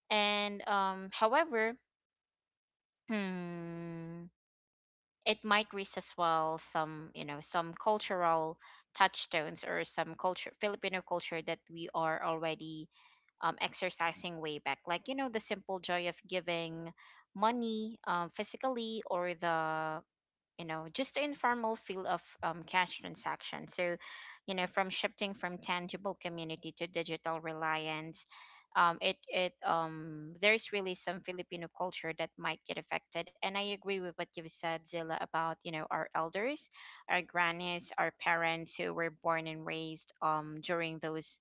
And um, however, hmm, it might raise as well some, you know, some cultural touchstones or some culture Filipino culture that we are already um, exercising way back, like you know the simple joy of giving money um, physically or the, you know, just the informal feel of um, cash transaction. So you know from shifting from tangible community to digital reliance um, it it um there's really some Filipino culture that might get affected, and I agree with what you've said, Zilla, about, you know, our elders, our grannies, our parents who were born and raised um during those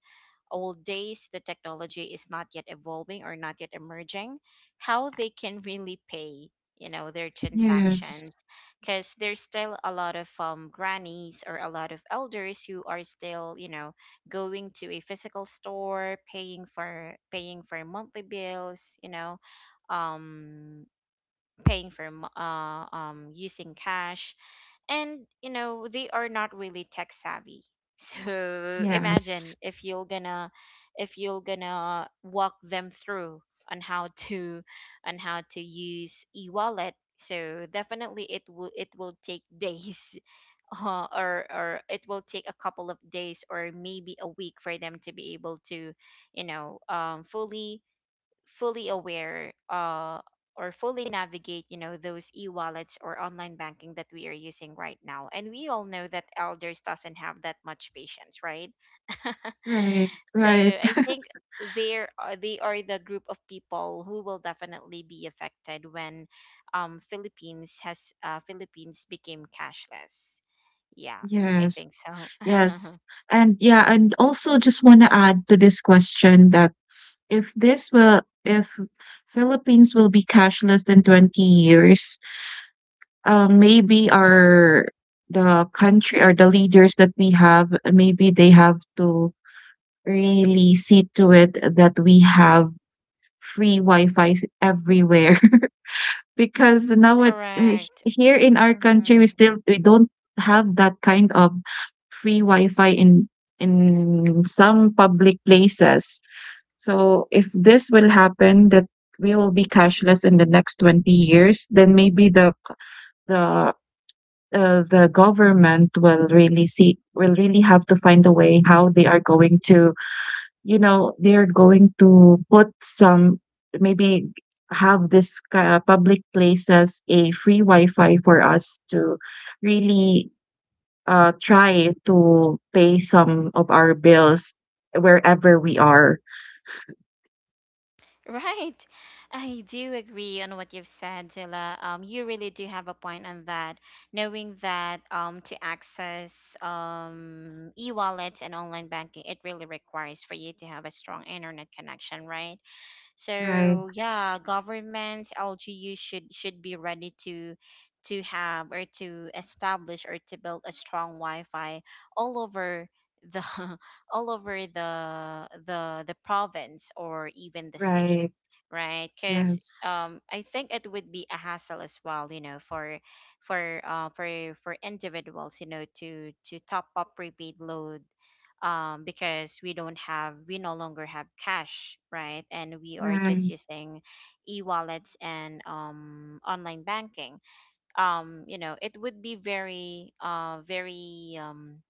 old days, the technology is not yet evolving or not yet emerging, how they can really pay, you know, their Yes. transactions. Because there's still a lot of um, grannies or a lot of elders who are still, you know, going to a physical store, paying for paying for monthly bills, you know, um, paying for mo- uh, um, using cash, and you know they are not really tech savvy. [laughs] So Yes. imagine if you're gonna, if you're gonna walk them through on how to, on how to use e-wallet. So definitely it will it will take days, [laughs] uh, or or it will take a couple of days or maybe a week for them to be able to, you know, um fully fully aware uh, or fully navigate, you know, those e-wallets or online banking that we are using right now, and we all know that elders doesn't have that much patience, right? [laughs] Right. So Right. I think there are, they are the group of people who will definitely be affected when um Philippines has uh Philippines became cashless, yeah. I Yes. think so. [laughs] Yes. And yeah, and also just want to add to this question that if this will, if Philippines will be cashless in twenty years, uh, maybe our, the country or the leaders that we have, maybe they have to really see to it that we have free Wi-Fi everywhere. [laughs] Because now it, uh, Correct. here in our country, we Mhm. still, we don't have that kind of free Wi-Fi in in some public places. So if this will happen, that we will be cashless in the next twenty years, then maybe the the uh, the government will really see, will really have to find a way how they are going to, you know, they're going to put some, maybe have this ki- uh, public places a free Wi-Fi for us to really, uh, try to pay some of our bills wherever we are. Right. I do agree on what you've said, Zilla. Um, you really do have a point on that. Knowing that um, to access um, e-wallets and online banking, it really requires for you to have a strong internet connection, right? Right. So yeah, government, L G U should should be ready to to have or to establish or to build a strong Wi-Fi all over the [laughs] all over the the the province or even the city, Right. right? Because Yes. um, I think it would be a hassle as well, you know, for for uh, for for individuals, you know, to to top up prepaid load, um, because we don't have we no longer have cash, right? And we are just Right. using e-wallets and um online banking. Um, you know, it would be very uh very um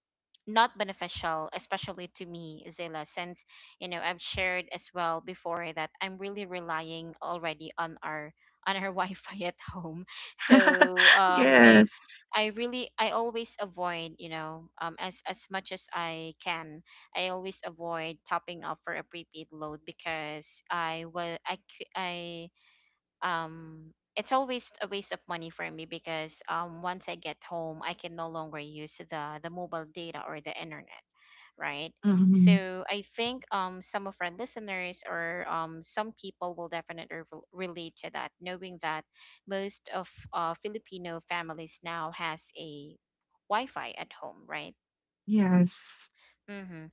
not beneficial, especially to me, Zilla, since you know I've shared as well before that I'm really relying already on our on our [laughs] Wi-Fi at home. So [laughs] um, I Yes. I really I always avoid you know um, as as much as I can. I always avoid topping up for a prepaid load because I was I cou- I um it's always a waste of money for me because um once I get home I can no longer use the the mobile data or the internet, right? Mhm. So I think um some of our listeners or um some people will definitely rel- relate to that, knowing that most of uh, Filipino families now has a Wi-Fi at home, right? Yes. Mm-hmm.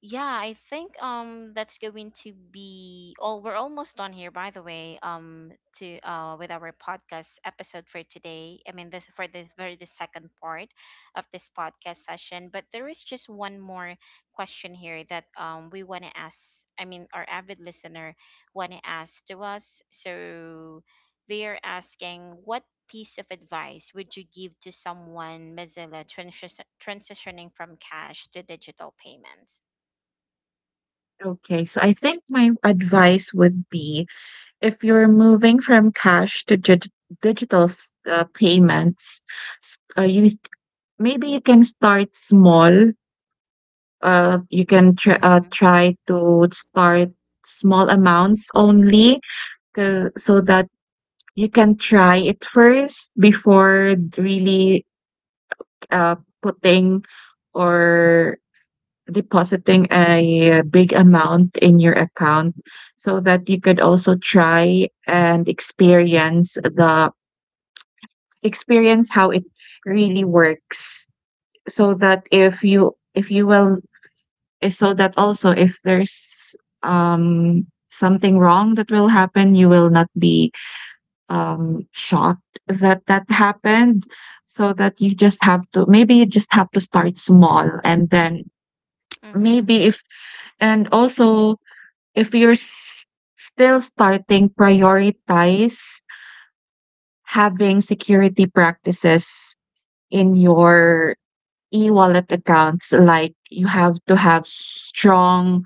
Yeah, I think um that's going to be all. We're almost done here, by the way. Um, to uh with our podcast episode for today. I mean, this for the very the second part of this podcast session. But there is just one more question here that um we want to ask. I mean, our avid listener want to ask to us. So they are asking, what piece of advice would you give to someone, Mozilla, transi- transitioning from cash to digital payments? Okay. So I think my advice would be, if you're moving from cash to dig digital s- uh, payments, s- uh, you, maybe you can start small. Uh, you can tr uh, Mm, try to start small amounts only, 'cause, so that you can try it first before really, uh, putting or depositing a big amount in your account, so that you could also try and experience the experience how it really works. So that if you, if you will, eh, so that also if there's um something wrong that will happen, you will not be um shocked that that happened. So that you just have to, maybe you just have to start small. And then mm-hmm. maybe if, and also, if you're s- still starting, prioritize having security practices in your e-wallet accounts. Like, you have to have strong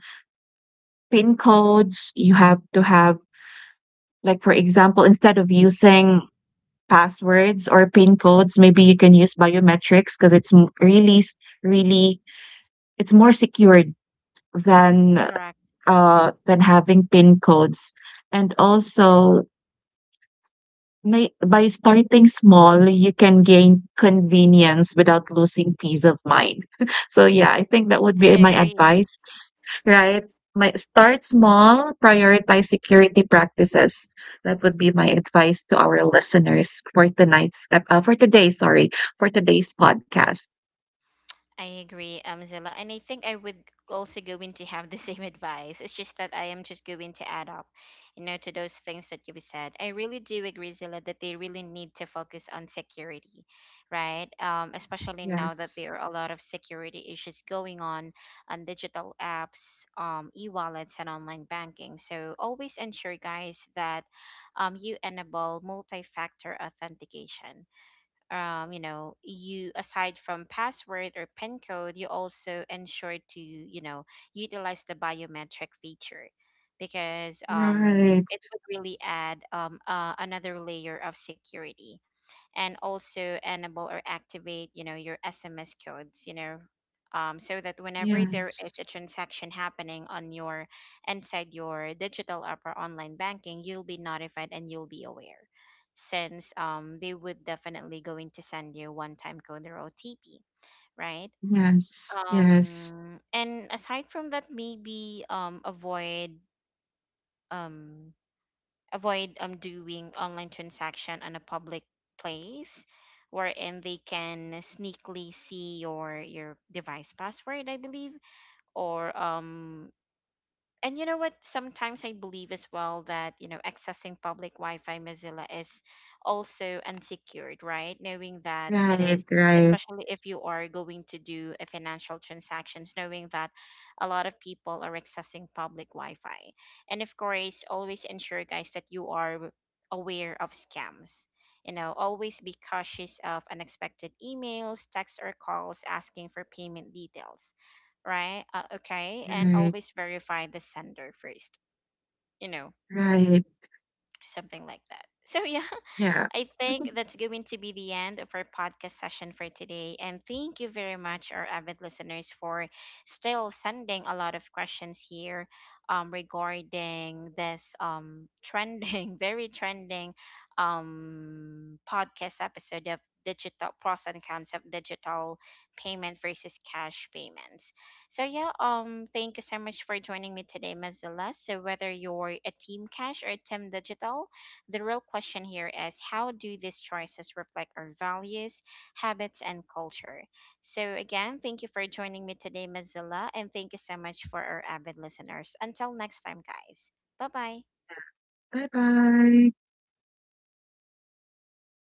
PIN codes. You have to have, like, for example, instead of using passwords or PIN codes, maybe you can use biometrics because it's m- really, s- really, it's more secured than, Correct. uh, than having PIN codes. And also, may by starting small, you can gain convenience without losing peace of mind. [laughs] So yeah, I think that would be I my agree. advice, right? My start small, prioritize security practices. That would be my advice to our listeners for tonight's ep- uh, for today, sorry, for today's podcast. I agree, um, Zilla. And I think I would also going to have the same [laughs] advice. It's just that I am just going to add up, you know, to those things that you said. I really do agree, Zilla, that they really need to focus on security, right? Um, especially now that Yes. there are a lot of security issues going on on digital apps, um, e-wallets, and online banking. So always ensure, guys, that um, you enable multi-factor authentication, um, you know, you aside from password or PIN code, you also ensure to, you know, utilize the biometric feature because um, Right. it would really add um, uh, another layer of security, and also enable or activate, you know, your S M S codes, you know, um, so that whenever there Yes. is a transaction happening on your inside your digital app or online banking, you'll be notified and you'll be aware, since um they would definitely going to send you one time code or O T P, right? Yes. Yes. Um and aside from that, maybe um avoid um avoid um doing online transaction on a public place wherein they can sneakily see your your device password, I believe, or um and you know what, sometimes I believe as well that you know, accessing public Wi-Fi, Mozilla, is also unsecured, right? Knowing that it Right. is, Right. especially if you are going to do a financial transactions, knowing that a lot of people are accessing public Wi-Fi. And of course, always ensure, guys, that you are aware of scams. You know, always be cautious of unexpected emails, texts, or calls asking for payment details, right? Uh, okay, and Right. always verify the sender first, you know, Right. something like that. So yeah, Yeah. I think [laughs] that's going to be the end of our podcast session for today. And thank you very much, our avid listeners, for still sending a lot of questions here um, regarding this um, trending, [laughs] very trending um, podcast episode of digital pros and cons of digital payment versus cash payments. So yeah, um, thank you so much for joining me today, Mazilla. So whether you're a team cash or a team digital, the real question here is how do these choices reflect our values, habits, and culture? So, again, thank you for joining me today, Mozilla, and thank you so much for our avid listeners. Until next time, guys. Bye bye. Bye bye.